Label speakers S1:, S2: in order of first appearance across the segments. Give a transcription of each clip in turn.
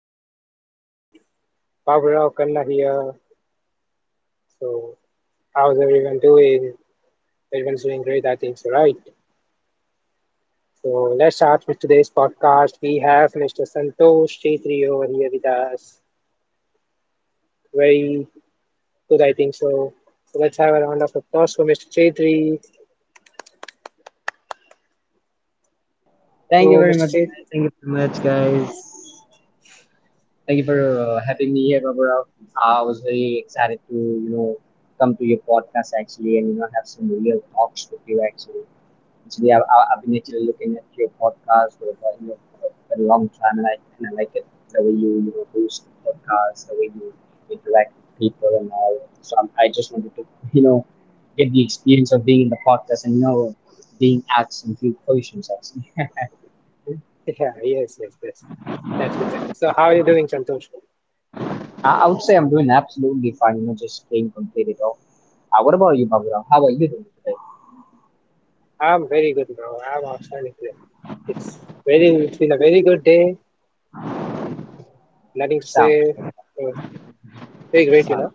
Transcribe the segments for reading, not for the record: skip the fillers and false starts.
S1: friend, your host, Baburao Kanna here. So, how's everyone doing? Everyone's doing great, I think so, right? So, let's start with today's podcast. We have Mr. Santosh Chetri over here with us. Very good, I think so. So, let's have a round of applause for Mr. Chetri.
S2: Thank you
S1: So,
S2: very
S1: Mr.
S2: much.
S1: Chetri,
S2: Thank you very much, guys. Thank you for having me here, Babarao. I was very excited to, you know, come to your podcast actually, and you know, have some real talks with you actually. Actually, I've been actually looking at your podcast for, about, you know, for a long time, and I like it the way you you know host the podcast, the way you interact with people and all. I just wanted to, you know, get the experience of being in the podcast and you know, being asked some few questions actually.
S1: yeah, yes, yes, yes. That's good, that's good. So, how are you doing, Santosh?
S2: I would say I'm doing absolutely fine, you know, just staying completely off. What about you, Baburam? How are you doing today?
S1: I'm very good, bro. I'm outstanding today. It's very, it's been a very good day. Nothing to
S2: Sounds
S1: say.
S2: good.
S1: Uh, very great, you
S2: Sounds
S1: know.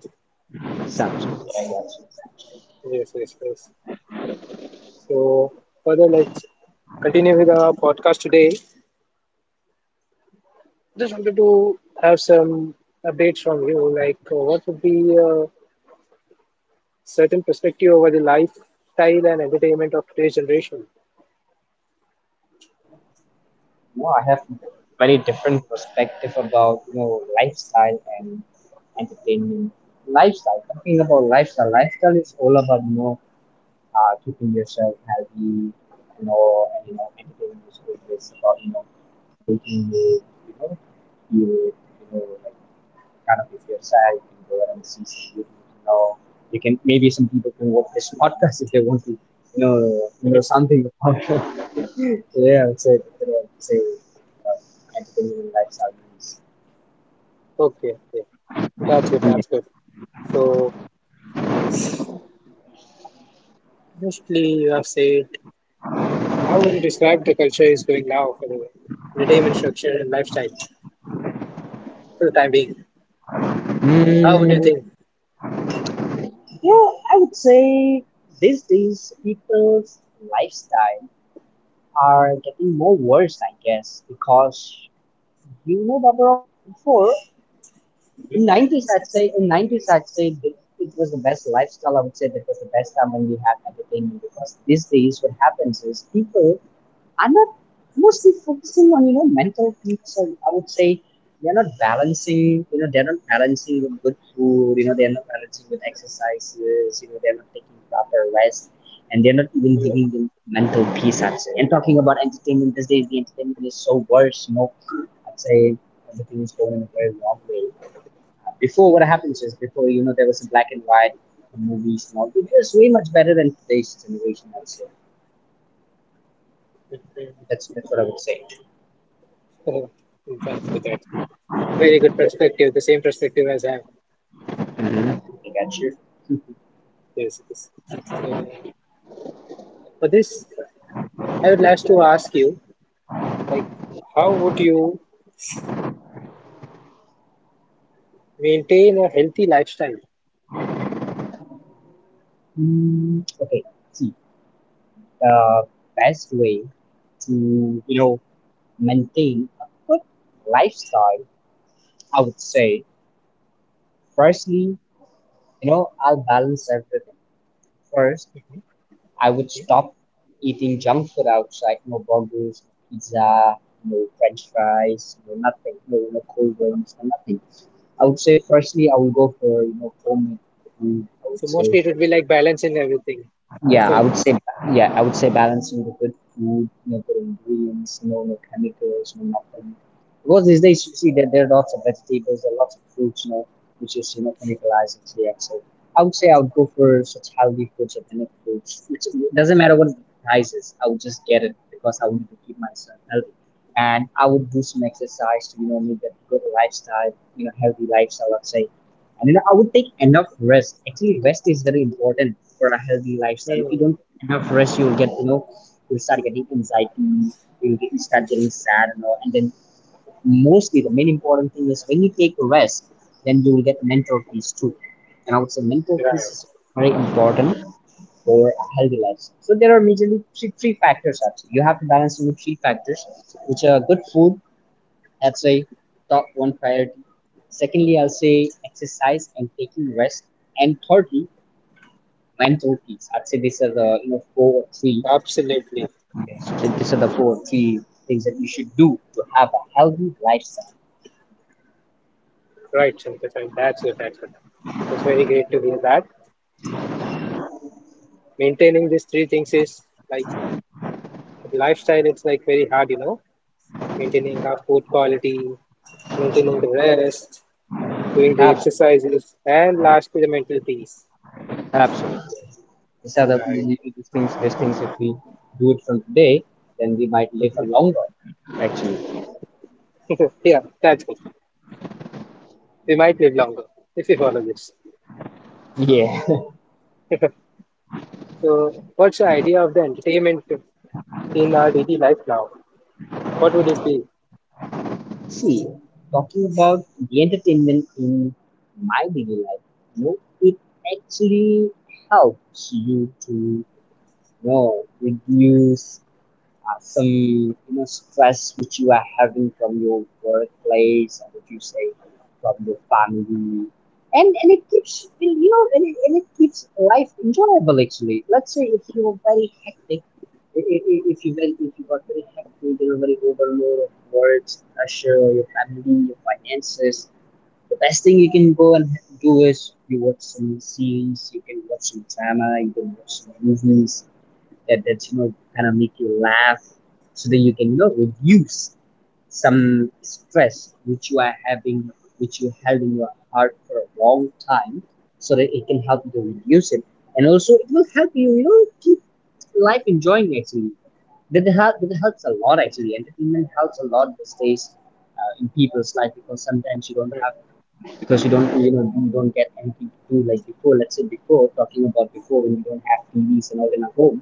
S2: good. Sounds good. I got you.
S1: Yes, yes, yes. So further, let's continue with our podcast today. Just wanted to have some updates from you, like what would be a certain perspective over the lifestyle and entertainment of today's generation.
S2: You know, I have very different perspective about, you know, lifestyle and entertainment. Lifestyle, talking about lifestyle, lifestyle is all about, you know, keeping yourself healthy and all, and you know, entertaining is always about you know making you you know feel you know like kind of if you're sad, you can go out and see some beauty. You know, you can maybe some people can watch this podcast if they want to you know
S1: Yes.
S2: something about yeah, so you know, say uh, entertainment and lifestyle is.
S1: Okay, okay, that's good, that's good. So mostly you have said, how would you describe the culture is going now for the entertainment structure and lifestyle for the time being? How would you
S2: Mm,
S1: think?
S2: yeah, I would say these days people's lifestyle are getting more worse, I guess, because you know, Barbara, before in nineties, I'd say in nineties, I'd say it was the best lifestyle. I would say that was the best time when we had entertainment because these days, what happens is people are not mostly focusing on you know mental peace. Or I would say they're not balancing. You know they're not balancing with good food. You know they're not balancing with exercises. You know they're not taking proper rest, and they're not even giving them mental peace, I'd say. And talking about entertainment these days, the entertainment is so worse. You know, I'd say everything is going in a very wrong way. Before what happens is before you know there was a black and white movies and all. It was way much better than today's generation, I'd say.
S1: Yeah.
S2: That's what I would say.
S1: Oh, that's good. That's good. Very good perspective. The same perspective as I have.
S2: Mm-hmm. I got
S1: Yes, yes. So for this, I would like to ask you, like, how would you maintain a healthy lifestyle?
S2: Mm, okay, see, the best way to, you know, maintain a good lifestyle, I would say, firstly, you know, I'll balance everything. First, I would stop eating junk food outside, no burgers, no pizza, no french fries, no nothing, no, no cold drinks, no nothing. I would say, firstly, I will go for, you know, homemade food, I
S1: So
S2: would say,
S1: mostly it would be like balancing everything with
S2: yeah, I
S1: food.
S2: would say yeah, I would say balancing the good food, you know, good ingredients, no chemicals, no nothing. Because these days you see that there are lots of vegetables, there are lots of fruits, you know, which is you know chemicalized and so yeah. So I would say I would go for such healthy foods, organic foods, which doesn't matter what the price is. I would just get it because I wanted to keep myself healthy. And I would do some exercise to, you know, make that good lifestyle, you know, healthy lifestyle, I'd say and you know, I would take enough rest. Actually, rest is very important for a healthy lifestyle. If you
S1: Hmm.
S2: don't take enough rest, you'll get you know you'll start getting anxiety. Start getting sad and all. And then mostly the main important thing is when you take rest, then you will get mental peace too. And I would say mental peace
S1: Right.
S2: is very important for a healthy lifestyle. So there are majorly three factors actually. You have to balance you know, three factors, which are good food, that's a top one priority. Secondly, I'll say exercise and taking rest. And thirdly, mental peace. I'd say these are the you know four or three
S1: Absolutely.
S2: that these are the four or three things that you should do to have a healthy lifestyle.
S1: Right, Chandrasekhar. That's it. That's it. It was very great to hear that. Maintaining these three things is like lifestyle. It's like very hard, you know, maintaining our food quality, maintaining the rest, doing the
S2: Absolutely,
S1: exercises, and lastly, the mental peace.
S2: absolutely. These are the
S1: Right.
S2: these things. These things, if we do it from today, then we might live a longer. Actually,
S1: Yeah, that's good. We might live longer if we follow this.
S2: yeah.
S1: So, what's your idea of the entertainment in our daily life now? What would it be?
S2: See, talking about the entertainment in my daily life, you know, it actually helps you to, you know, reduce some you know stress which you are having from your workplace or what you say from your family and it keeps you know and it keeps life enjoyable actually. Let's say if you're very hectic, if you went if you got very hectic, you know, very overload of work pressure or your family your finances, the best thing you can go and do is you watch some series, you can watch some drama, you can watch some movies that's you know kind of make you laugh so that you can you know reduce some stress which you are having, which you held in your heart for a long time, so that it can help you to reduce it. And also it will help you you know keep life enjoying actually. That helps a lot actually. Entertainment helps a lot these days, in people's life because sometimes you don't
S1: Right.
S2: have because you don't you know you don't get anything to do like before. Let's say before, talking about before, when you don't have tvs and all in a home,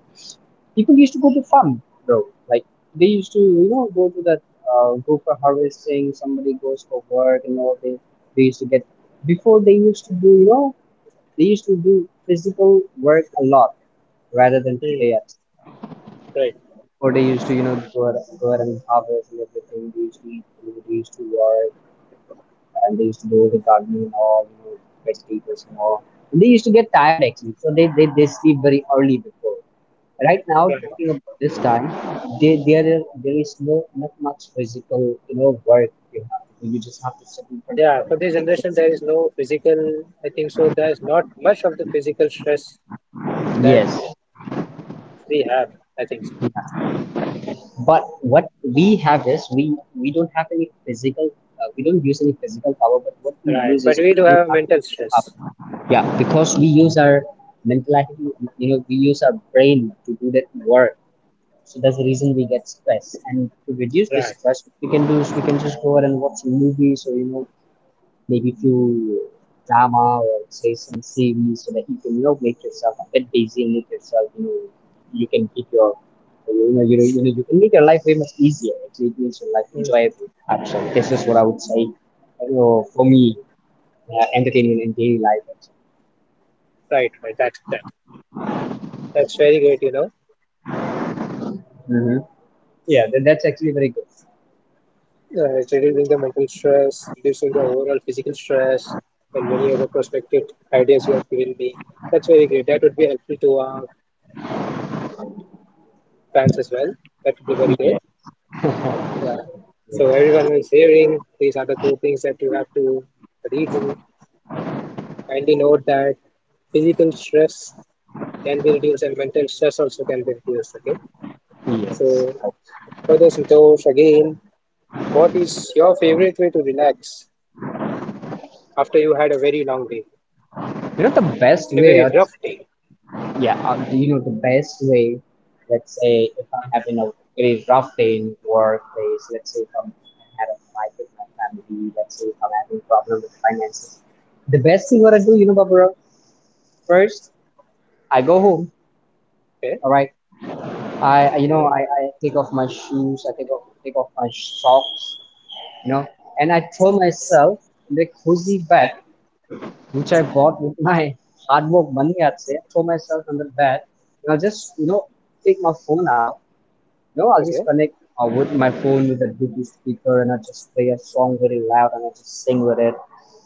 S2: people used to go to farm, bro. Like they used to, you know, go to that, go for harvesting. Somebody goes for work and all. They used to get before they used to do, you know, they used to do physical work a lot rather than
S1: Hmm.
S2: today. At,
S1: Right.
S2: or they used to, you know, go out and harvest and everything. They used to eat food. They used to work and they used to do the gardening or you know vegetables and all. And they used to get tired actually, so they sleep very early before. Right now,
S1: Right.
S2: talking of this time, they, there is no not much physical you know work you have to do. You just have to sit in front of
S1: Yeah, for this generation, there is no physical, I think so. There's not much of the physical stress
S2: it.
S1: that
S2: Yes.
S1: we have, I think so.
S2: But what we have is we don't have any physical we don't use any physical power, but what we
S1: Right.
S2: use
S1: But
S2: is
S1: we do
S2: we don't
S1: have
S2: have
S1: mental
S2: up.
S1: stress.
S2: Yeah, because we use our mental attitude, you know, we use our brain to do that work. So that's the reason we get stress. And to reduce this
S1: Right.
S2: stress, we can do is we can just go ahead and watch movies or you know maybe few drama or say some series so that you can you know make yourself a bit busy and make yourself you know you can keep your you know you know you know you can make your life way much easier. Actually, it really makes your life
S1: Mhm.
S2: enjoyable. Actually, this is what I would say. You know, for me, entertainment in daily life.
S1: Right, right. That's that. That's very great, you know.
S2: Mm-hmm. Yeah, that's actually very good.
S1: It's reducing the mental stress, reducing the overall physical stress, and many other prospective ideas you have given me. That's very great. That would be helpful to our fans as well. That would be very good.
S2: Yeah.
S1: Yeah. So everyone who is hearing these are the two things that you have to redo. Kindly note that physical stress can be reduced and mental stress also can be reduced. Okay.
S2: Yes.
S1: So for those Santosh, again, what is your favorite way to relax after you had a very long day?
S2: You know the best
S1: In a
S2: way,
S1: very
S2: I
S1: rough day.
S2: Yeah, you know the best way? Let's say if I'm having a really rough day in workplace, let's say if I'm had a fight with my family, let's say if I'm having problem with finances, the best thing what I do, you know, Barbara, first I go home.
S1: Okay.
S2: All right, you know
S1: So,
S2: I take off my shoes, I take off my socks, you know, and I throw myself in the cozy bed which I bought with my hard work money. I'd say I throw myself on the bed and I'll just you know take my phone out. No, I'll just
S1: okay.
S2: connect with my phone with a Bluetooth speaker and I just play a song very loud and I just sing with it,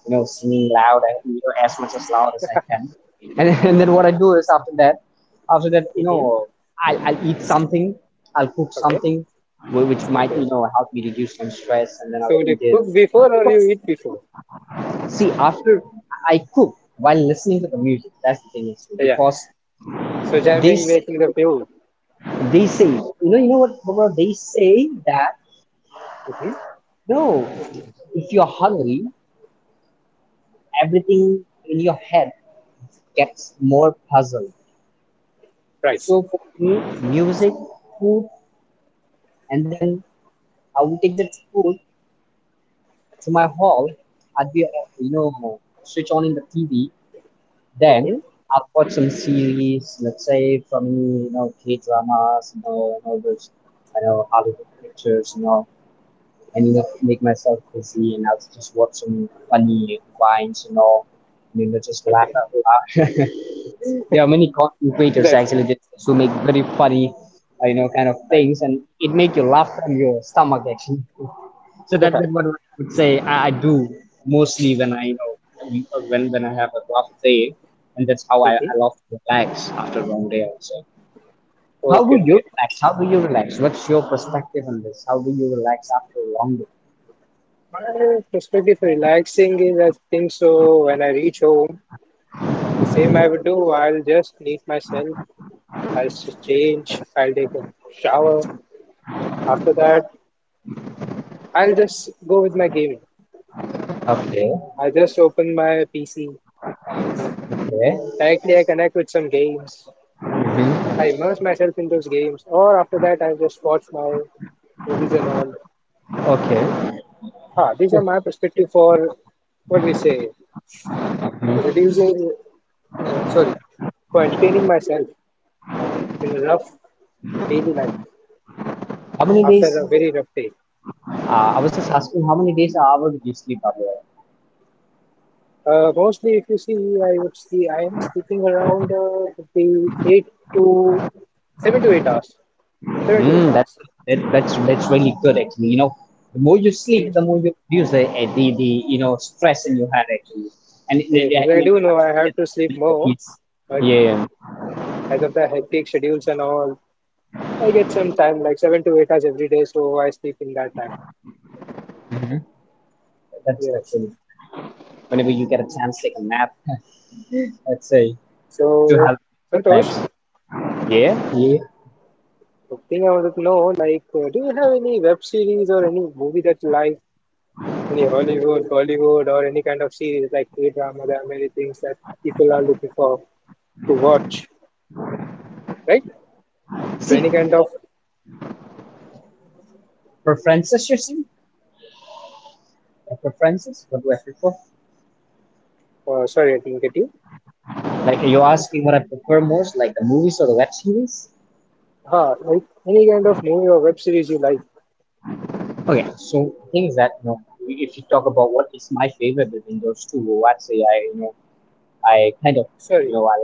S2: you know, singing loud, you know, as much as loud as I can. And, and then what I do is after that, you
S1: Hmm.
S2: know, I'll eat something, I'll cook
S1: Okay.
S2: something which might,
S1: Okay.
S2: you know, help me reduce some stress and then I'll
S1: So they
S2: eat it.
S1: cook before or
S2: Because,
S1: you eat before?
S2: see, after I cook while listening to the music, that's the thing, it's
S1: Yeah.
S2: because
S1: So
S2: they
S1: jamming,
S2: say,
S1: making the fuel.
S2: they say, you know what, Barbara? They say that
S1: Hmm.
S2: No, if you're hungry, everything in your head gets more puzzled.
S1: Right.
S2: So for me, music, food, and then I will take that food to my hall. I'd be, you know, switch on in the TV. Then
S1: Hmm.
S2: I'll watch some series, let's say from any, you know, K dramas, you know, and all those, I know, Hollywood pictures, you know, and you know, make myself busy, and I'll just watch some funny vines, you know, and you know, just laugh
S1: Okay.
S2: out loud. There are many content creators
S1: That's it.
S2: actually who make very funny kind of
S1: Right.
S2: things, and it make you laugh from your stomach actually so that what I would say I do mostly when I when I have a rough day, and that's how I
S1: Hmm.
S2: love to relax after a long day also. How do
S1: Okay.
S2: you
S1: Okay.
S2: relax? How do you relax? What's your perspective on this? How do you relax after a long day?
S1: My perspective for relaxing is I think so when I reach home, the same I would do. I'll just need myself. Change, I'll take a shower. After that, I'll just go with my gaming.
S2: Okay.
S1: I just open my PC.
S2: Okay.
S1: Directly, I connect with some games. I
S2: Hmm.
S1: immerse myself in those games, or after that, I just watch my movies and all.
S2: Okay.
S1: Ah, these are my perspective for what we say,
S2: Mhm.
S1: reducing, sorry, for entertaining myself in a rough daily life
S2: How many
S1: after
S2: days?
S1: a very rough day.
S2: I was just asking how many days an hour do you sleep, Abhay?
S1: Mostly, if you see, I would see I am sleeping around the eight to seven to eight hours. Seven to eight
S2: Mm, that,
S1: hours.
S2: that's really good actually. The more you sleep, the more you reduce the stress in your head actually. And
S1: Yes, yes, I do know I have
S2: it,
S1: to sleep
S2: it, it,
S1: more,
S2: it,
S1: but
S2: yeah,
S1: as of the hectic schedules and all, I get some time, like 7 to 8 hours every day, so I sleep in that time.
S2: Mhm. That's
S1: Yes.
S2: really. Whenever you get a chance, take a nap. Let's say to
S1: So,
S2: have Max.
S1: Santosh,
S2: Yeah, yeah.
S1: the thing I wanted to know, like, do you have any web series or any movie that you like, any Hollywood, Bollywood, or any kind of series like K-drama? There are many things that people are looking for to watch, right? So
S2: See,
S1: any kind of
S2: preferences, you're saying? Like preferences? What do I prefer?
S1: sorry, I didn't get you.
S2: Like, are you asking what I prefer most, like the movies or the web series?
S1: Huh, like any kind of movie or web series you like.
S2: Okay, so the thing is that if you talk about what is my favorite between those two, I'd say I you know I kind of you
S1: Sorry,
S2: know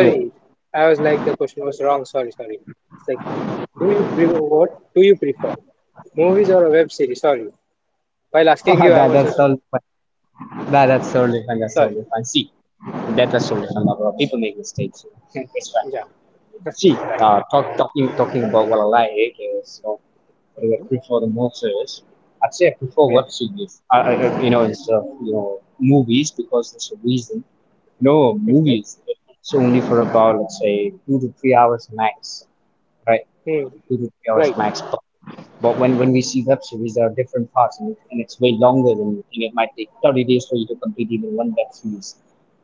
S2: you
S1: I was like the question was wrong. Sorry, sorry. It's like, do you prefer what? Do you prefer movies or a web series? Sorry. While
S2: that
S1: asking
S2: that's
S1: you, I
S2: totally
S1: was
S2: fun.
S1: just
S2: That's totally fun. That's totally
S1: sorry.
S2: fun. See, that was totally fun. Bro, people make mistakes, you know. It's fine.
S1: Yeah.
S2: See,
S1: Right.
S2: talking about what I like is, what do I
S1: Mhm.
S2: prefer the most is, I'd say I prefer
S1: Okay.
S2: web series. I, you know instead of movies, because there's a reason. No,
S1: Hmm.
S2: movies. It's only for about, let's say, 2 to 3 hours max, right?
S1: Hmm.
S2: 2 to 3 hours
S1: Right.
S2: max. But when we see web series, there are different parts, and it's way longer than you think. It might take 30 days for you to complete even one web series.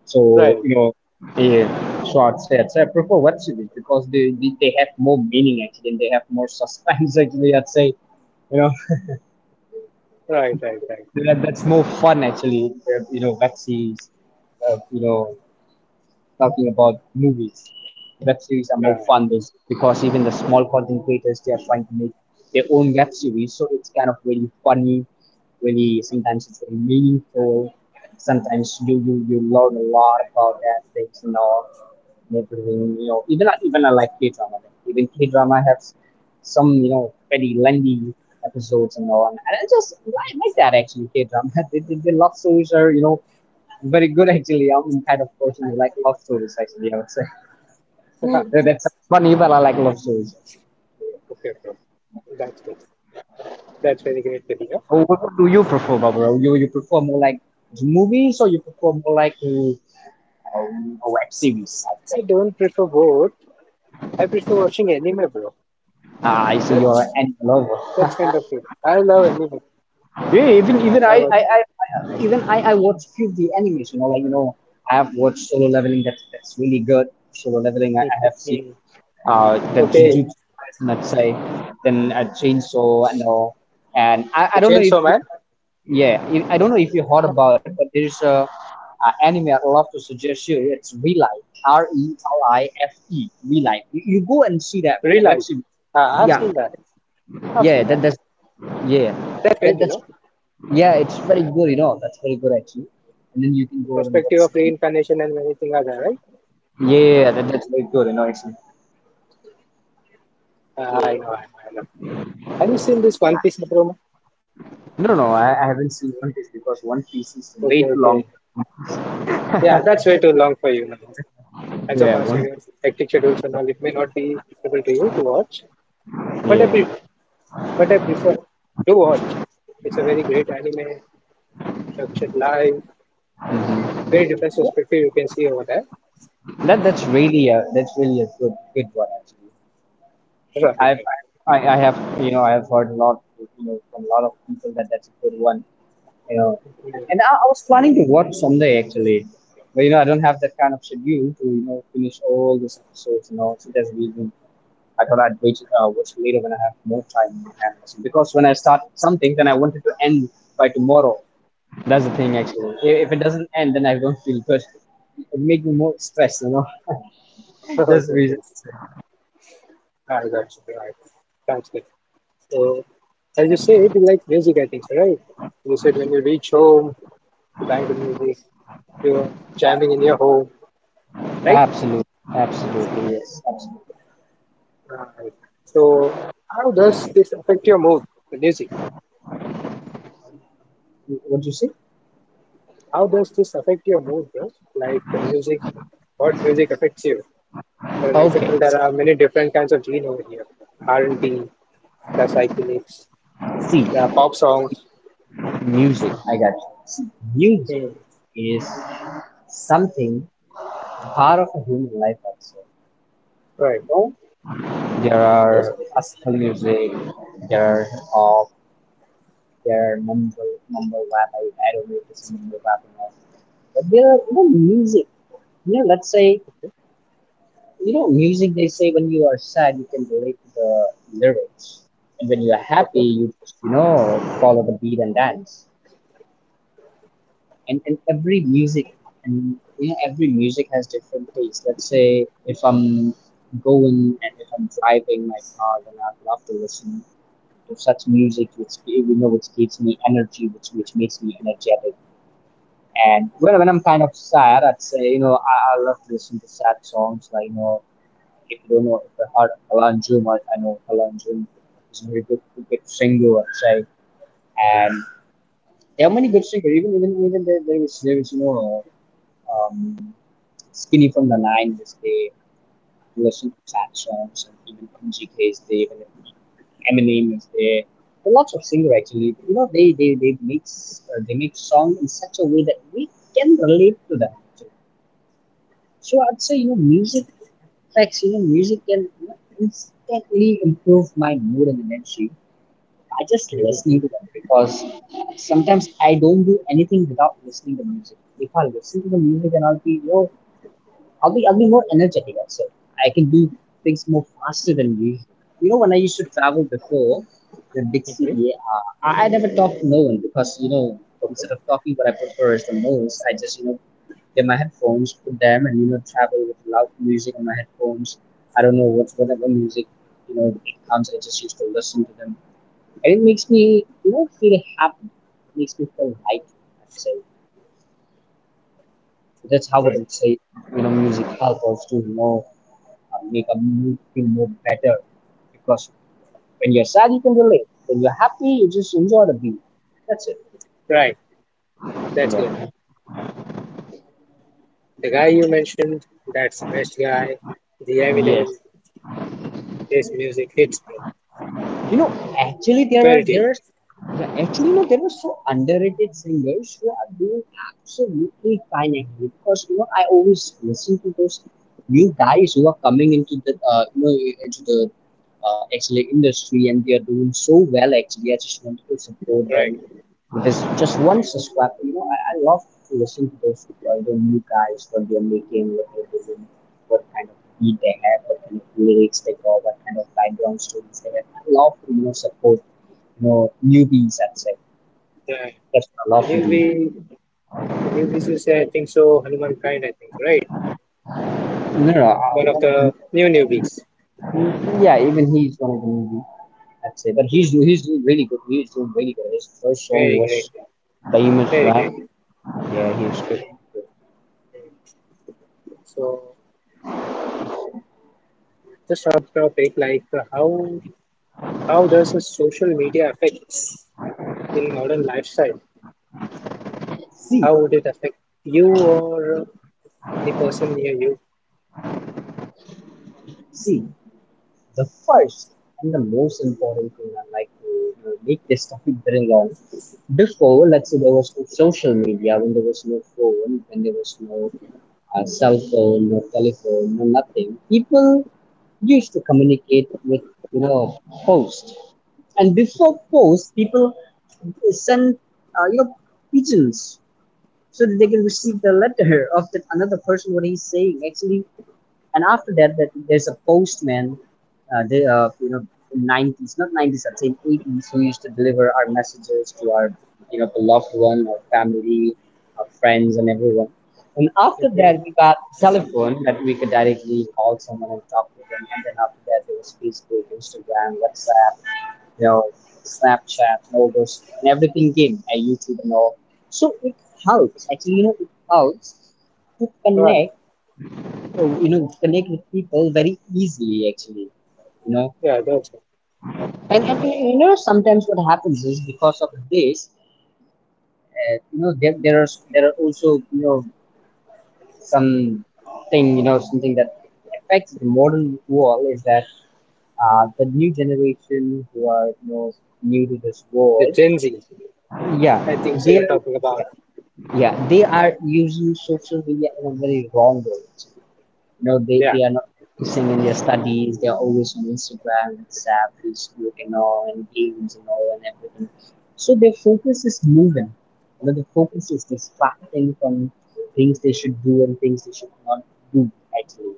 S2: So,
S1: Right.
S2: yeah. So I'd say I prefer web series because they have more meaning actually, and they have more suspense actually. I'd say, you know
S1: Right. Right. Right.
S2: that's more fun actually. Web series, uh, you know, talking about movies, web series are more
S1: Right.
S2: fun this because even the small content creators, they are trying to make their own web series, so it's kind of really funny, really. Sometimes it's very meaningful. Sometimes you learn a lot about that things and all and everything, you know. Even I like K drama. Even K drama has some, very lengthy episodes and all, and I just like that actually K drama. The love stories are, very good, actually. I'm the kind of person who like love stories, actually, I would say. That's funny, but I like love stories.
S1: Okay. Okay. That's good. That's very great to hear.
S2: Oh, what do you prefer, Barbara? You prefer more like the movies, or you prefer more like to, a web series, I would
S1: I
S2: say?
S1: don't prefer both. I prefer watching anime, bro.
S2: Ah, I see you're an
S1: That's
S2: anime lover.
S1: that's kind of it. I love anime.
S2: Yeah, even even
S1: I
S2: I,
S1: watch.
S2: I, I I- even I watch few of the animes, you know, like, you know, I have watched Solo Leveling. That's really good. Solo Leveling, I have seen,
S1: Hmm.
S2: the
S1: Okay,
S2: Jujutsu, let's say, then a Chainsaw and all. And I,
S1: the
S2: I don't know
S1: Chainsaw
S2: if you.
S1: Man,
S2: Yeah, I don't know if you heard about it, but there's a anime I'd love to suggest you. It's Relife, R E L I F E, Relife. You go and see that
S1: real
S2: web
S1: life.
S2: series.
S1: Ah, I've
S2: Yeah,
S1: seen that. I've
S2: yeah,
S1: seen that.
S2: yeah,
S1: That's
S2: that
S1: right, you
S2: that's
S1: know,
S2: yeah, it's very good. That's very good actually. And then you can
S1: the
S2: go and
S1: perspective
S2: watch
S1: of
S2: it.
S1: reincarnation and many things are there, right?
S2: Yeah, that's very good. You know, actually.
S1: Ah, I
S2: Yeah.
S1: know, I know, I know. Have you seen this One Piece promo?
S2: No, no, no, I haven't seen One Piece because One Piece is way
S1: Okay,
S2: too long.
S1: okay. Yeah, that's way too long for you now. As of
S2: Yeah,
S1: as
S2: one.
S1: your hectic schedules and all, it may not be suitable to you to watch. But I, pre-
S2: Yeah.
S1: but I prefer to watch. It's a very great anime. Structured life, very different
S2: Hmm.
S1: perspective you can see over there.
S2: That's really a good one actually.
S1: Right,
S2: I've
S1: right.
S2: I have I have heard a lot, from a lot of people, that that's a good one, you know
S1: Mm.
S2: and I was planning to watch someday actually, but I don't have that kind of schedule to, finish all these episodes, so that's the reason I thought I'd wait, watch it later, when I have more time in my hands, because when I start something then I wanted to end by tomorrow. That's the thing, actually. If it doesn't end, then I don't feel good. It makes me more stressed, you know. That's the
S1: Yes,
S2: reason.
S1: yes. Ah, that's right. That's it. So, as you said, you like music, I think, so, right? You said when you reach home, you bang the music, you're jamming in your home, right?
S2: Absolutely, absolutely, yes, absolutely.
S1: Right. So, how does this affect your mood, the music?
S2: What you say?
S1: How does this affect your mood, bro? Like the music, what music affects you? For an
S2: Okay.
S1: example, there are many different kinds of gene over here. R&B, the psychedelics,
S2: See,
S1: the pop songs.
S2: music. I got you. See, music
S1: Mm.
S2: is something, part of a human life also.
S1: Right.
S2: You know, there
S1: Yes.
S2: are classical music. There are pop. There are mumble rap. I don't know if it's a mumble rap or not. But there are, music. Let's say,
S1: Okay.
S2: Music, they say when you are sad, you can relate to the lyrics. And when you are happy,
S1: Okay.
S2: you just, follow the beat and dance. And every music, and, every music has different tastes. Let's say if I'm going and if I'm driving my car, then I'd love to listen to such music which, which gives me energy, which makes me energetic. And when I'm kind of sad, I'd say, I love to listen to sad songs. Like, if you don't know, if I heard Alan Jum, I know Alan Jum is a very good singer, I'd say. And there are many good singers. Even there is um, Skinny from the Nine, which they to listen to sad songs, and even MGK is there, even Eminem is there. There are lots of singers actually. They make s- they make song in such a way that we can relate to them. Actually. So I'd say, music affects, music can, instantly improve my mood and energy by just listening to them, because sometimes I don't do anything without listening to music. If I listen to the music, and I'll be more energetic also. I can do things more faster than usual. When I used to travel before the big
S1: Hmm.
S2: city, I never talked to no one because, instead of talking, what I prefer is the most. I just, get my headphones, put them, and, travel with loud music on my headphones. I don't know whatever music, it comes. I just used to listen to them, and it makes me, feel happy. It makes me feel light, I'd say. That's how I would
S1: Right.
S2: say, music helps us to know, make a mood feel more better. Because when you're sad, you can relate. When you're happy, you just enjoy the beat. That's it.
S1: Right. That's good.
S2: Yeah.
S1: The guy you mentioned, that's the best guy. The Eminem, his music hits, bro.
S2: You know, actually, there are
S1: Very deep.
S2: there Yeah, actually, there are so underrated singers who are doing absolutely fine actually, because I always listen to those new guys who are coming into the, into the actually industry, and they are doing so well actually. I just wanted to support them.
S1: Right.
S2: With just one subscribe. I love to listen to those, new guys, what they are making, what they're doing, what kind of beat they have, what kind of lyrics they got, what kind of background stories they have. I love to, support, newbies, I'd say.
S1: The,
S2: That's what I
S1: the
S2: love to do.
S1: newbie, the newbies you say, I think so. Hanuman kind, I think, right?
S2: No, no, I'm
S1: One of
S2: not
S1: the new newbies.
S2: 100%. Yeah, even he's one of the newbies, I'd say. But he's
S1: Mm.
S2: he's doing really good. He's doing really good. His first song
S1: Very great.
S2: was famous,
S1: Very
S2: right?
S1: great.
S2: Yeah, he's good.
S1: So just on the topic, like how does the social media affect in modern lifestyle?
S2: See,
S1: How would it affect you or any person near you?
S2: see, the first and the most important thing I'd like to, make this topic very long. Before, let's say, there was no social media, when there was no phone, when there was no, cell phone, no telephone, no nothing, people used to communicate with, you know post, and before post, people send, uh, you know pigeons, so that they can receive the letter of that another person what he's saying actually, and after that, there's a postman, uh, they, uh, you know, in 90s, not 90s, I'd say 80s, who used to deliver our messages to our, beloved one, our family, our friends, and everyone. And after that, we
S1: Mhm.
S2: got telephone that we could directly call someone and talk to them. And then after that, there was Facebook, Instagram, WhatsApp, you know, Snapchat, and all those, and everything came, and YouTube and all. So it helps, actually, it helps to
S1: Wow.
S2: connect connect with people very easily, actually, you know.
S1: Yeah, that's
S2: And sometimes what happens is because of this, uh, you know, there, there are there are also some thing you know something that affects the modern world is that the new generation who are new to this
S1: the
S2: world,
S1: Gen Z,
S2: yeah,
S1: I think so.
S2: they
S1: You're
S2: are
S1: talking about.
S2: yeah they are using social media in a very wrong way. You know,
S1: Yeah,
S2: they are not focusing in their studies. They are always on Instagram, WhatsApp, Facebook, and all, and games and all, and everything. So their focus is moving. You know, the focus is distracting from things they should do and things they should not do, actually,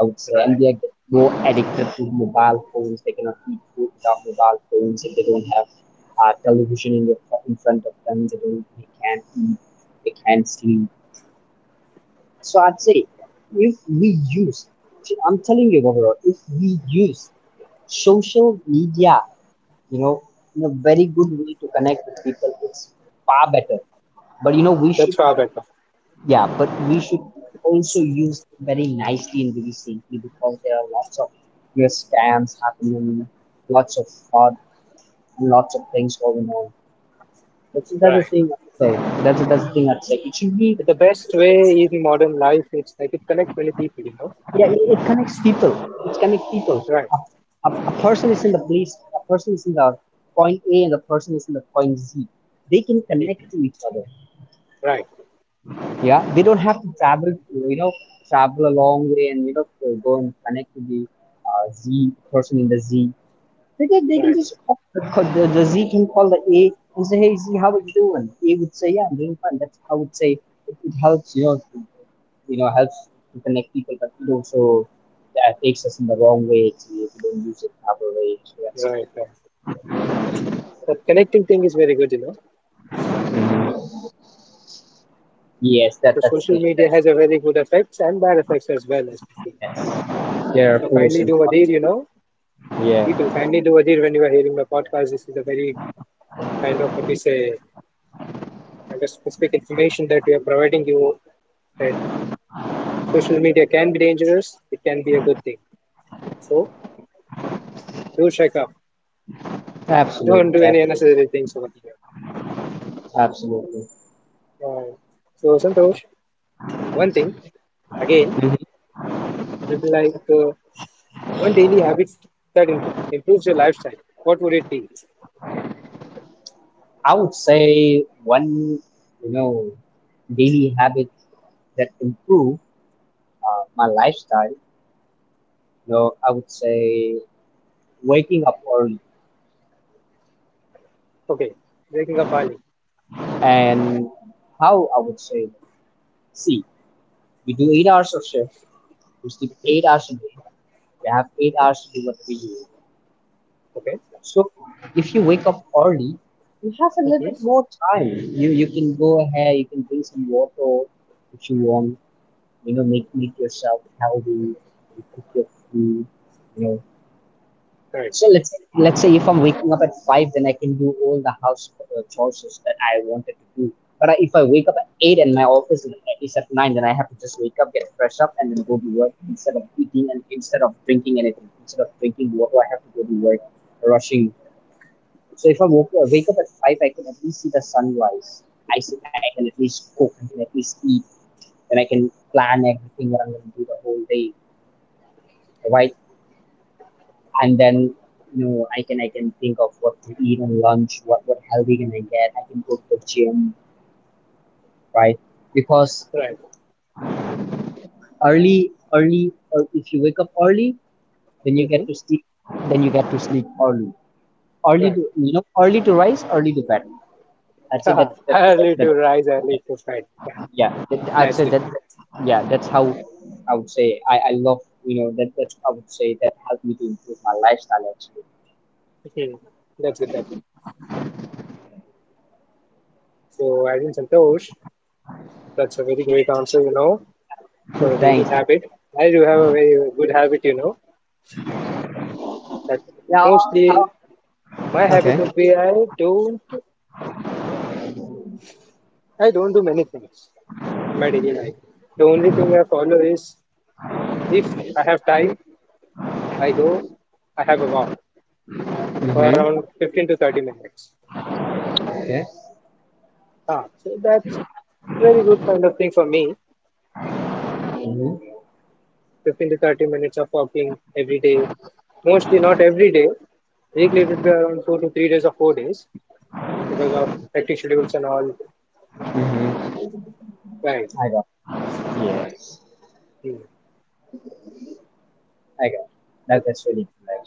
S2: I would say. And
S1: right.
S2: they are getting more addicted to mobile phones. They cannot eat food without mobile phones if they don't have television in front of them. They can't eat, they can't sleep, so I'd say if we use, I'm telling you, Gabriel, if we use social media, you know, in a very good way to connect with people, it's far better. But you know, we
S1: That's
S2: should,
S1: far better.
S2: yeah, but we should also use very nicely and very safely because there are lots of, you know, scams happening, lots of fraud, and lots of things going on. That's the
S1: Right.
S2: thing, I'd say. That's the thing, I'd say. It should be,
S1: The best way in modern life, it's like it connects many people, you know?
S2: yeah, it connects people. It connects people.
S1: Right.
S2: A person is in the point A and the person is in the point Z, they can connect
S1: Mhm.
S2: to each other.
S1: Right.
S2: Yeah, they don't have to travel to, you know, travel a long way and, you know, to go and connect to the Z person in the Z, because they can
S1: Right.
S2: just the Z can call the A and say, "Hey Z, how are you doing?" A would say, "Yeah, I'm doing fine." That's, I would say, it helps, you know, to helps to connect people, but it also takes us in the wrong way actually if we don't use it the proper way. So that's,
S1: Right, right. That connecting thing is very good, you know.
S2: yes,
S1: So
S2: that that's the
S1: social media
S2: effect.
S1: has a very good effects and bad effects as well, as we see.
S2: Yes, there are
S1: So
S2: pros
S1: kindly
S2: and
S1: do Adir, you know.
S2: cons.
S1: People
S2: Yeah,
S1: kindly do Adir when you are hearing my podcast. This is a very kind of what we say, kind of specific information that we are providing you that social media can be dangerous, it can be a good thing. So do check up. Don't
S2: absolutely,
S1: do
S2: yeah,
S1: any unnecessary things over here.
S2: absolutely.
S1: Uh, so Santosh, one thing again,
S2: Mhm.
S1: it'd be like one daily habit that improves your lifestyle. What would it be?
S2: I would say one, you know, daily habit that improved my lifestyle. No, I would say waking up early.
S1: Okay, waking up early.
S2: And how I would say, see, we do 8 hours of shift, we sleep
S1: Mhm,
S2: 8 hours a day, we have eight
S1: mhm,
S2: hours to do what we do.
S1: okay.
S2: So if you wake up early, you have a little bit
S1: Mm-hmm.
S2: more time. You can go ahead, you can drink some water if you want, you know, make yourself healthy, you cook your food, you know.
S1: Right.
S2: So let's say if I'm waking up at 5, then I can do all the house chores that I wanted to do. If I wake up at 8 and my office is at 9, then I have to just wake up, get fresh up, and then go to work instead of eating and instead of drinking anything. Instead of drinking water, I have to go to work, rushing. So if I wake up at 5, I can at least see the sunrise. I can at least cook. I can at least eat, and I can plan everything what I'm gonna do the whole day. Why and then, you know, I can think of what to eat on lunch, what healthy can I get? I can go to the gym, right? Because
S1: Right.
S2: early, or if you wake up early, then you
S1: Mm-hmm.
S2: get to sleep then you get to sleep early. Early
S1: Right.
S2: to, you know, early to rise, early to bed. I'd say that,
S1: Early to
S2: that
S1: rise, early to fight.
S2: yeah that, I'd
S1: That's
S2: say
S1: good.
S2: that, yeah, that's how I would say I love, you know, that that's, I would say, that helped me to improve my lifestyle actually.
S1: Hmm. That's good. That's good. So, as in Santosh, that's a very great answer, you know, for
S2: Yeah.
S1: a daily
S2: Thanks.
S1: habit. I do have a very good habit, you know, that
S2: Yeah.
S1: mostly my habit
S2: Okay.
S1: would be don't I don't do many things in my daily life. The only thing I follow is if I have time, I go, I have a walk for
S2: Mm-hmm.
S1: around 15 to 30 minutes.
S2: Okay.
S1: Ah, so that's very good kind of thing for me.
S2: Hmm.
S1: 15 to 30 minutes of walking every day. Mostly not every day. Weekly it would be around 2 to 3 days or 4 days because of hectic schedules and all.
S2: Mm-hmm.
S1: Right.
S2: I got. It. Yes.
S1: Hmm.
S2: I got. It.
S1: Okay.
S2: That's really cool.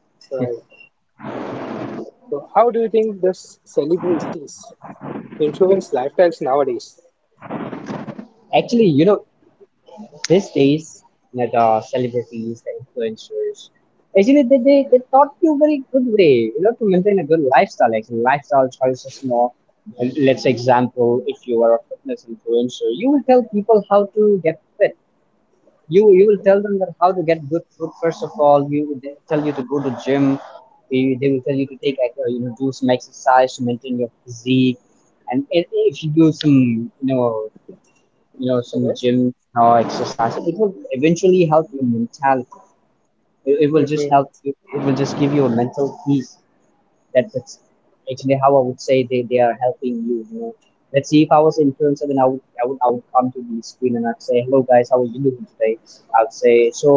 S2: Actually,
S1: Right. So how do you think this celebrities influence lifestyles nowadays?
S2: actually, you know, these days, you know, the celebrities, the influencers, actually, they taught you very good way, you know, to maintain a good lifestyle. Actually, lifestyle choices, you know. And let's say example, if you are a fitness influencer, you will tell people how to get fit. You will tell
S1: Mhm.
S2: them that how to get good food. First of all, you they will tell you to go to gym. They will tell you to take like, you know, do some exercise to maintain your physique. And if you do some, you know, you know, some gym
S1: Okay.
S2: or exercise, it will eventually help your mentality. It will just
S1: Mhm.
S2: help you, it will just give you a mental peace. That's actually how I would say they are helping you. You know, let's see if I was an influencer, then I would come to the screen and I'd say, "Hello guys, how are you doing today?" I'd say, "So,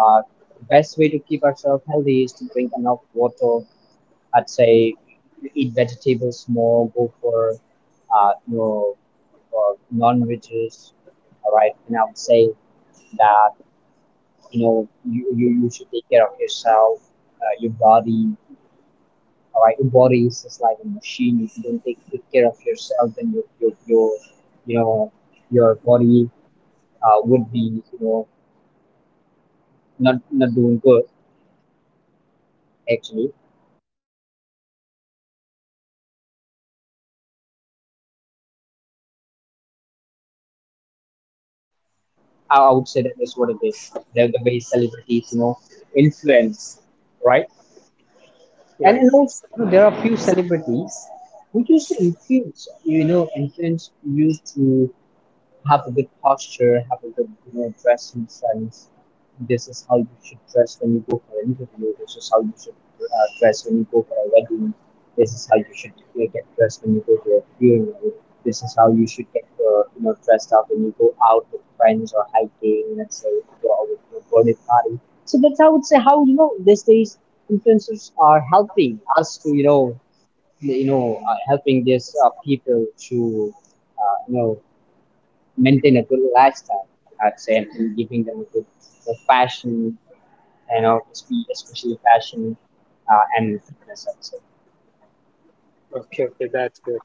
S2: uh, the best way to keep ourselves healthy is to drink enough water." I'd say, "Eat vegetables more. Go for uh, you know, or non-veggies, all right?" And I would say that, you know, you should take care of yourself, your body, all right, your body is just like a machine. If you don't take good care of yourself, then your, you know, your body would be, you know, not doing good actually. I would say that is what it is, the way celebrities, you know, influence, right. and
S1: Right.
S2: and also, you know, there are few celebrities who used to influence, you know, influence you to have a good posture, have a good, you know, dressing sense. This is how you should dress when you go for an interview. This is how you should dress when you go for a wedding. This is how you should get dressed when you go to a funeral. This is how you should get you know, dressed up when you go out with friends or hiking. Let's say if you go out with your birthday party. So that's, I would say, how, you know, these days influencers are helping us to, you know, you know, helping these people to you know, maintain a good lifestyle, I'd say, and giving them a good the fashion, you know, especially fashion and fitness, I'd say.
S1: Okay. Okay. That's good.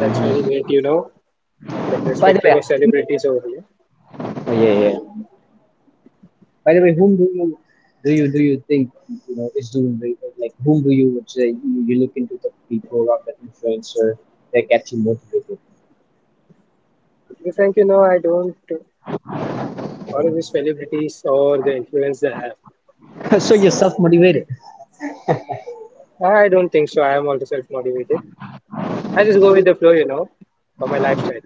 S1: That's very great. You know the
S2: By the
S1: perspective
S2: way,
S1: of celebrities over here.
S2: oh, yeah, yeah. By the way, whom do you do you think, you know, is doing very- like whom do you would say you look into the people or the influencer that gets you motivated?
S1: To be frank, you know I don't follow these celebrities or the influence they have.
S2: So you're self motivated.
S1: I don't think so. I am also self-motivated. I just go with the flow, you know, for my lifestyle.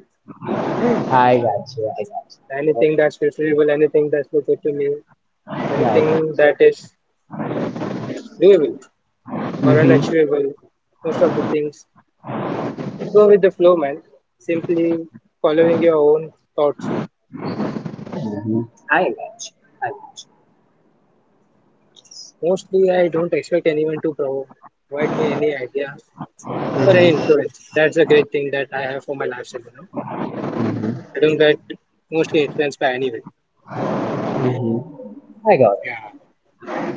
S2: I got you. I got you. Oh,
S1: Anything that's preferable, anything that's good to me,
S2: yeah, I got
S1: anything that is doable
S2: you.
S1: or
S2: Mm-hmm.
S1: unachievable, most of the things. Go with the flow, man. Simply following your own thoughts.
S2: Mm-hmm. I got you. I
S1: Mostly, I don't expect anyone to provide me any idea or any
S2: got you.
S1: influence. That's a great thing that I have for my lifestyle, you know.
S2: Mm-hmm.
S1: I don't get mostly influenced by anyone.
S2: Mm-hmm. I got.
S1: Yeah.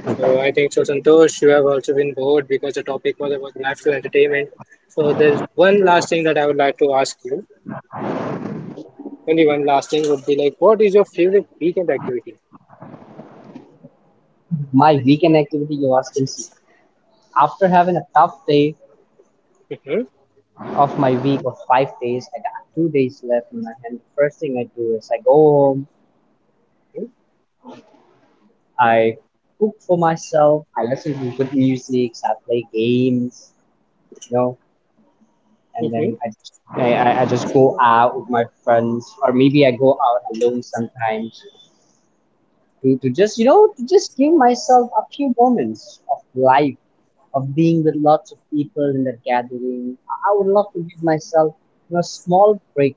S1: So I think so, Santosh, you have also been bored because the topic was about national entertainment. So there's one last thing that I would like to ask you. Only one last thing would be like, what is your favorite weekend activity?
S2: My weekend activity you all can see. After having a tough day
S1: Mm-hmm.
S2: of my week of 5 days, I got 2 days left in my hand. The first thing I do is I go home,
S1: Mm-hmm.
S2: I cook for myself, I listen to good music, I play games, you know, and
S1: Mm-hmm.
S2: then I just go out with my friends, or maybe I go out alone sometimes to just, you know, to just give myself a few moments of life of being with lots of people in that gathering. I would love to give myself, you know, a small break.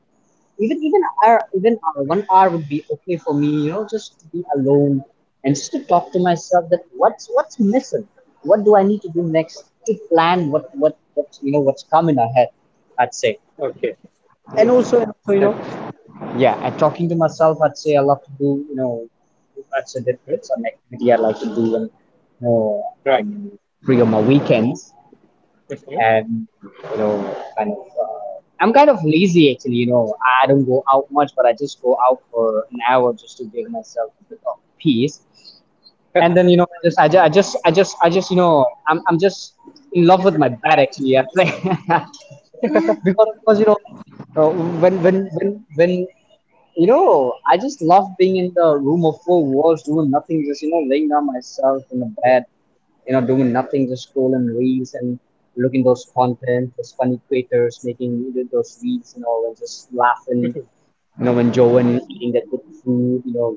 S2: 1 hour would be okay for me. You know, just to be alone and just to talk to myself. That what's missing? What do I need to do next to plan what, you know, what's coming ahead? I'd say.
S1: Okay. Yes.
S2: And also, you know,
S1: That's
S2: yeah, and talking to myself, I'd say I love to do, you know, I'd say that,
S1: Hmm.
S2: that's an activity I like to do when, you know,
S1: Right.
S2: um, free on my weekends
S1: Hmm.
S2: and, you know, kind of, I'm kind of lazy actually, you know, I don't go out much but I just go out for an hour just to give myself a bit of peace. And then, you know, I just, you know, I'm just in love with my bed actually, I think. Because, you know, uh, when, you know, I just love being in the room of four walls doing nothing, just, you know, laying down myself in the bed, you know, doing nothing, just scrolling reels and looking those content, those funny creators making those reels, you know, and just laughing, you know, enjoying eating that good food, you know,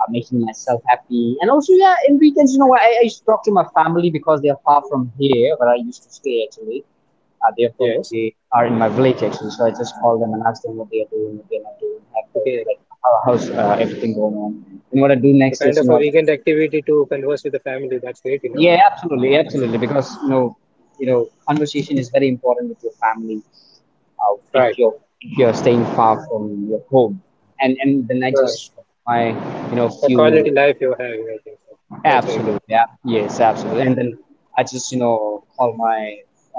S2: making myself happy. And also, yeah, in weekends, you know, I used to talk to my family because they are far from here where I used to stay actually.
S1: Yes.
S2: They are in my village actually, so I just call them and ask them what they are doing, what they're not doing,
S1: Okay.
S2: how's everything going on. And what I do
S1: So
S2: next
S1: kind
S2: is, you
S1: of a
S2: know,
S1: weekend activity to converse with the family. That's great, you know.
S2: yeah, absolutely, absolutely. Because you know, conversation is very important with your family. Uh, if
S1: Right.
S2: you're if you're staying far from your home, and then I
S1: Right.
S2: just my you know
S1: A quality
S2: few
S1: life you're having, I think so. That's very
S2: absolutely yeah yes absolutely, and then I just, you know, call my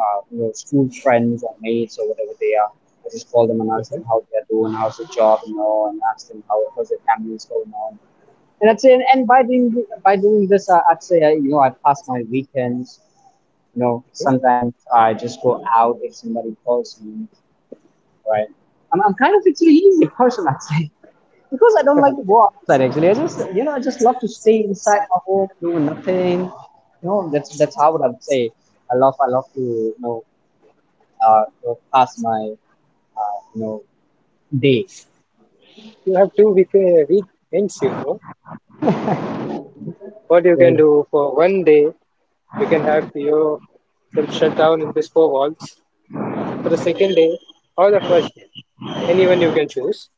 S2: you know, school friends or mates or whatever they are. I just call them and ask
S1: good.
S2: them how they are doing, how's the job, you know, and ask them how's their families going on, and I'd say, and by doing this, I'd say I, you know, I pass my weekends. You know,
S1: Hmm.
S2: sometimes I just go out if somebody calls me. Right. I'm kind of actually easy person, I'd say, because I don't like to go outside. Actually, I just, you know, I just love to stay inside my home, doing nothing. You know, that's how I would say. I love to, you know, pass my you know, day.
S1: You have two weekends, you know. What you can
S2: With
S1: do for one day, you can have yourself shut down in these four walls. For the second day or the first day, anyone you can choose.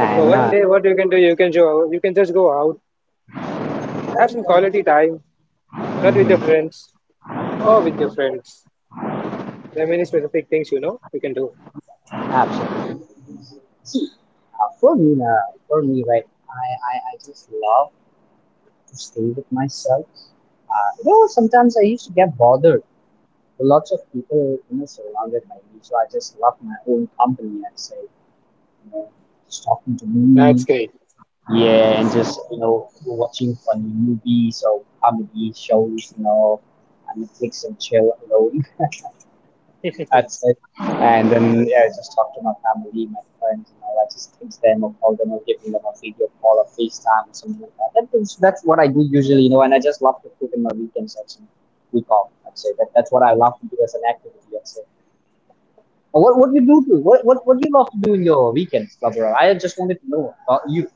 S1: But for one
S2: nah.
S1: day, what you can do, you can go, you can just go out, have some quality time, not with your
S2: Mhm.
S1: friends or with your friends. There are many specific things you know you can do.
S2: Absolutely. For me, now, for me, right, I just love to stay with myself. You know, sometimes I used to get bothered with lots of people, you know, surrounded by me. So I just love my own company and say, you know, just talking to
S1: That's
S2: me.
S1: great.
S2: Yeah, and just, you know, watching funny movies or comedy shows, you know, and Netflix and chill alone. That's it. And then yeah, I just talk to my family, my friends, you know, I just text them or call them or give them a video call or FaceTime or something like that. That's what I do usually, you know, and I just love to cook in my weekends actually. Week off, I'd say. That that's what I love to do as an activity, I'd say. What do you love to do in your weekends, Barbara? I just wanted to know about you.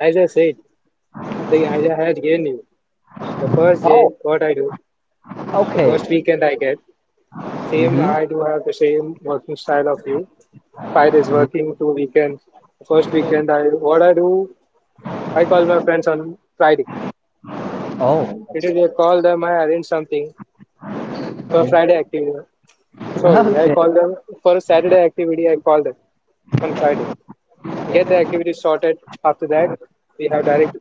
S1: As I said, the idea had given you. The first day,
S2: Oh,
S1: what I do, the first
S2: okay.
S1: weekend I get. Same,
S2: Mm-hmm.
S1: I do have the same working style of you. 5 days
S2: Hmm.
S1: working, two weekends. First weekend, I what I do, I call my friends on Friday.
S2: Oh,
S1: Literally, I call them, I arrange something for Friday activity. Sorry,
S2: that's
S1: I
S2: okay.
S1: call them for a Saturday activity. I call them on Friday. Get the activity sorted. After that, we have direct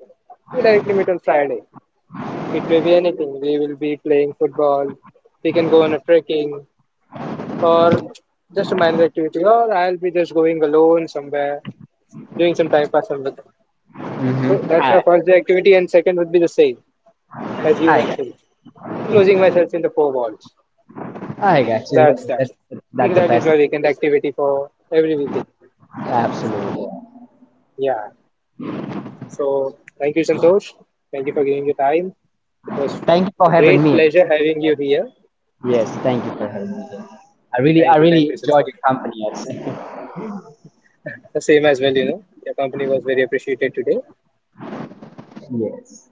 S1: we directly meet on Friday. It may be anything. We will be playing football. We can go on a trekking or just a minor activity. Or I'll be just going alone somewhere doing some time pass and look. So
S2: Mm-hmm.
S1: that's my
S2: I
S1: first day activity, and second would be the same as you
S2: I got
S1: mentioned, closing myself in the four walls.
S2: I got
S1: That's
S2: you.
S1: that.
S2: That, that's the
S1: That is
S2: best.
S1: my weekend activity for every weekend.
S2: Absolutely.
S1: Yeah. So thank you, Santosh. Thank you for giving your time. It was
S2: Thank you
S1: a
S2: for
S1: great
S2: having me.
S1: pleasure having you here.
S2: Yes, thank you for having me here. I
S1: Thank
S2: really
S1: you,
S2: enjoyed
S1: Santosh.
S2: your company. Yes,
S1: The same as well, you know. Your company was very appreciated today.
S2: yes.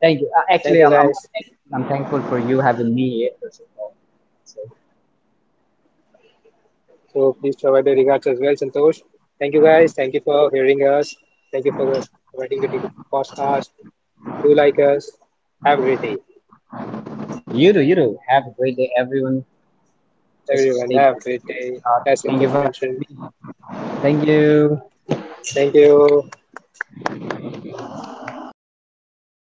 S2: Thank you.
S1: Thank you, guys.
S2: I'm thankful for you having me here. First of all, so
S1: So please provide the regards as well, Santosh. Thank you guys. Thank you for hearing us. Thank you for providing the beautiful podcast. Do like us. Have a great day.
S2: you do, you do. Have a great day, everyone. Just
S1: Everyone,
S2: stay.
S1: have a great day. As
S2: Thank you.
S1: Santosh
S2: Bye.
S1: mentioned.
S2: Thank you.
S1: Thank you.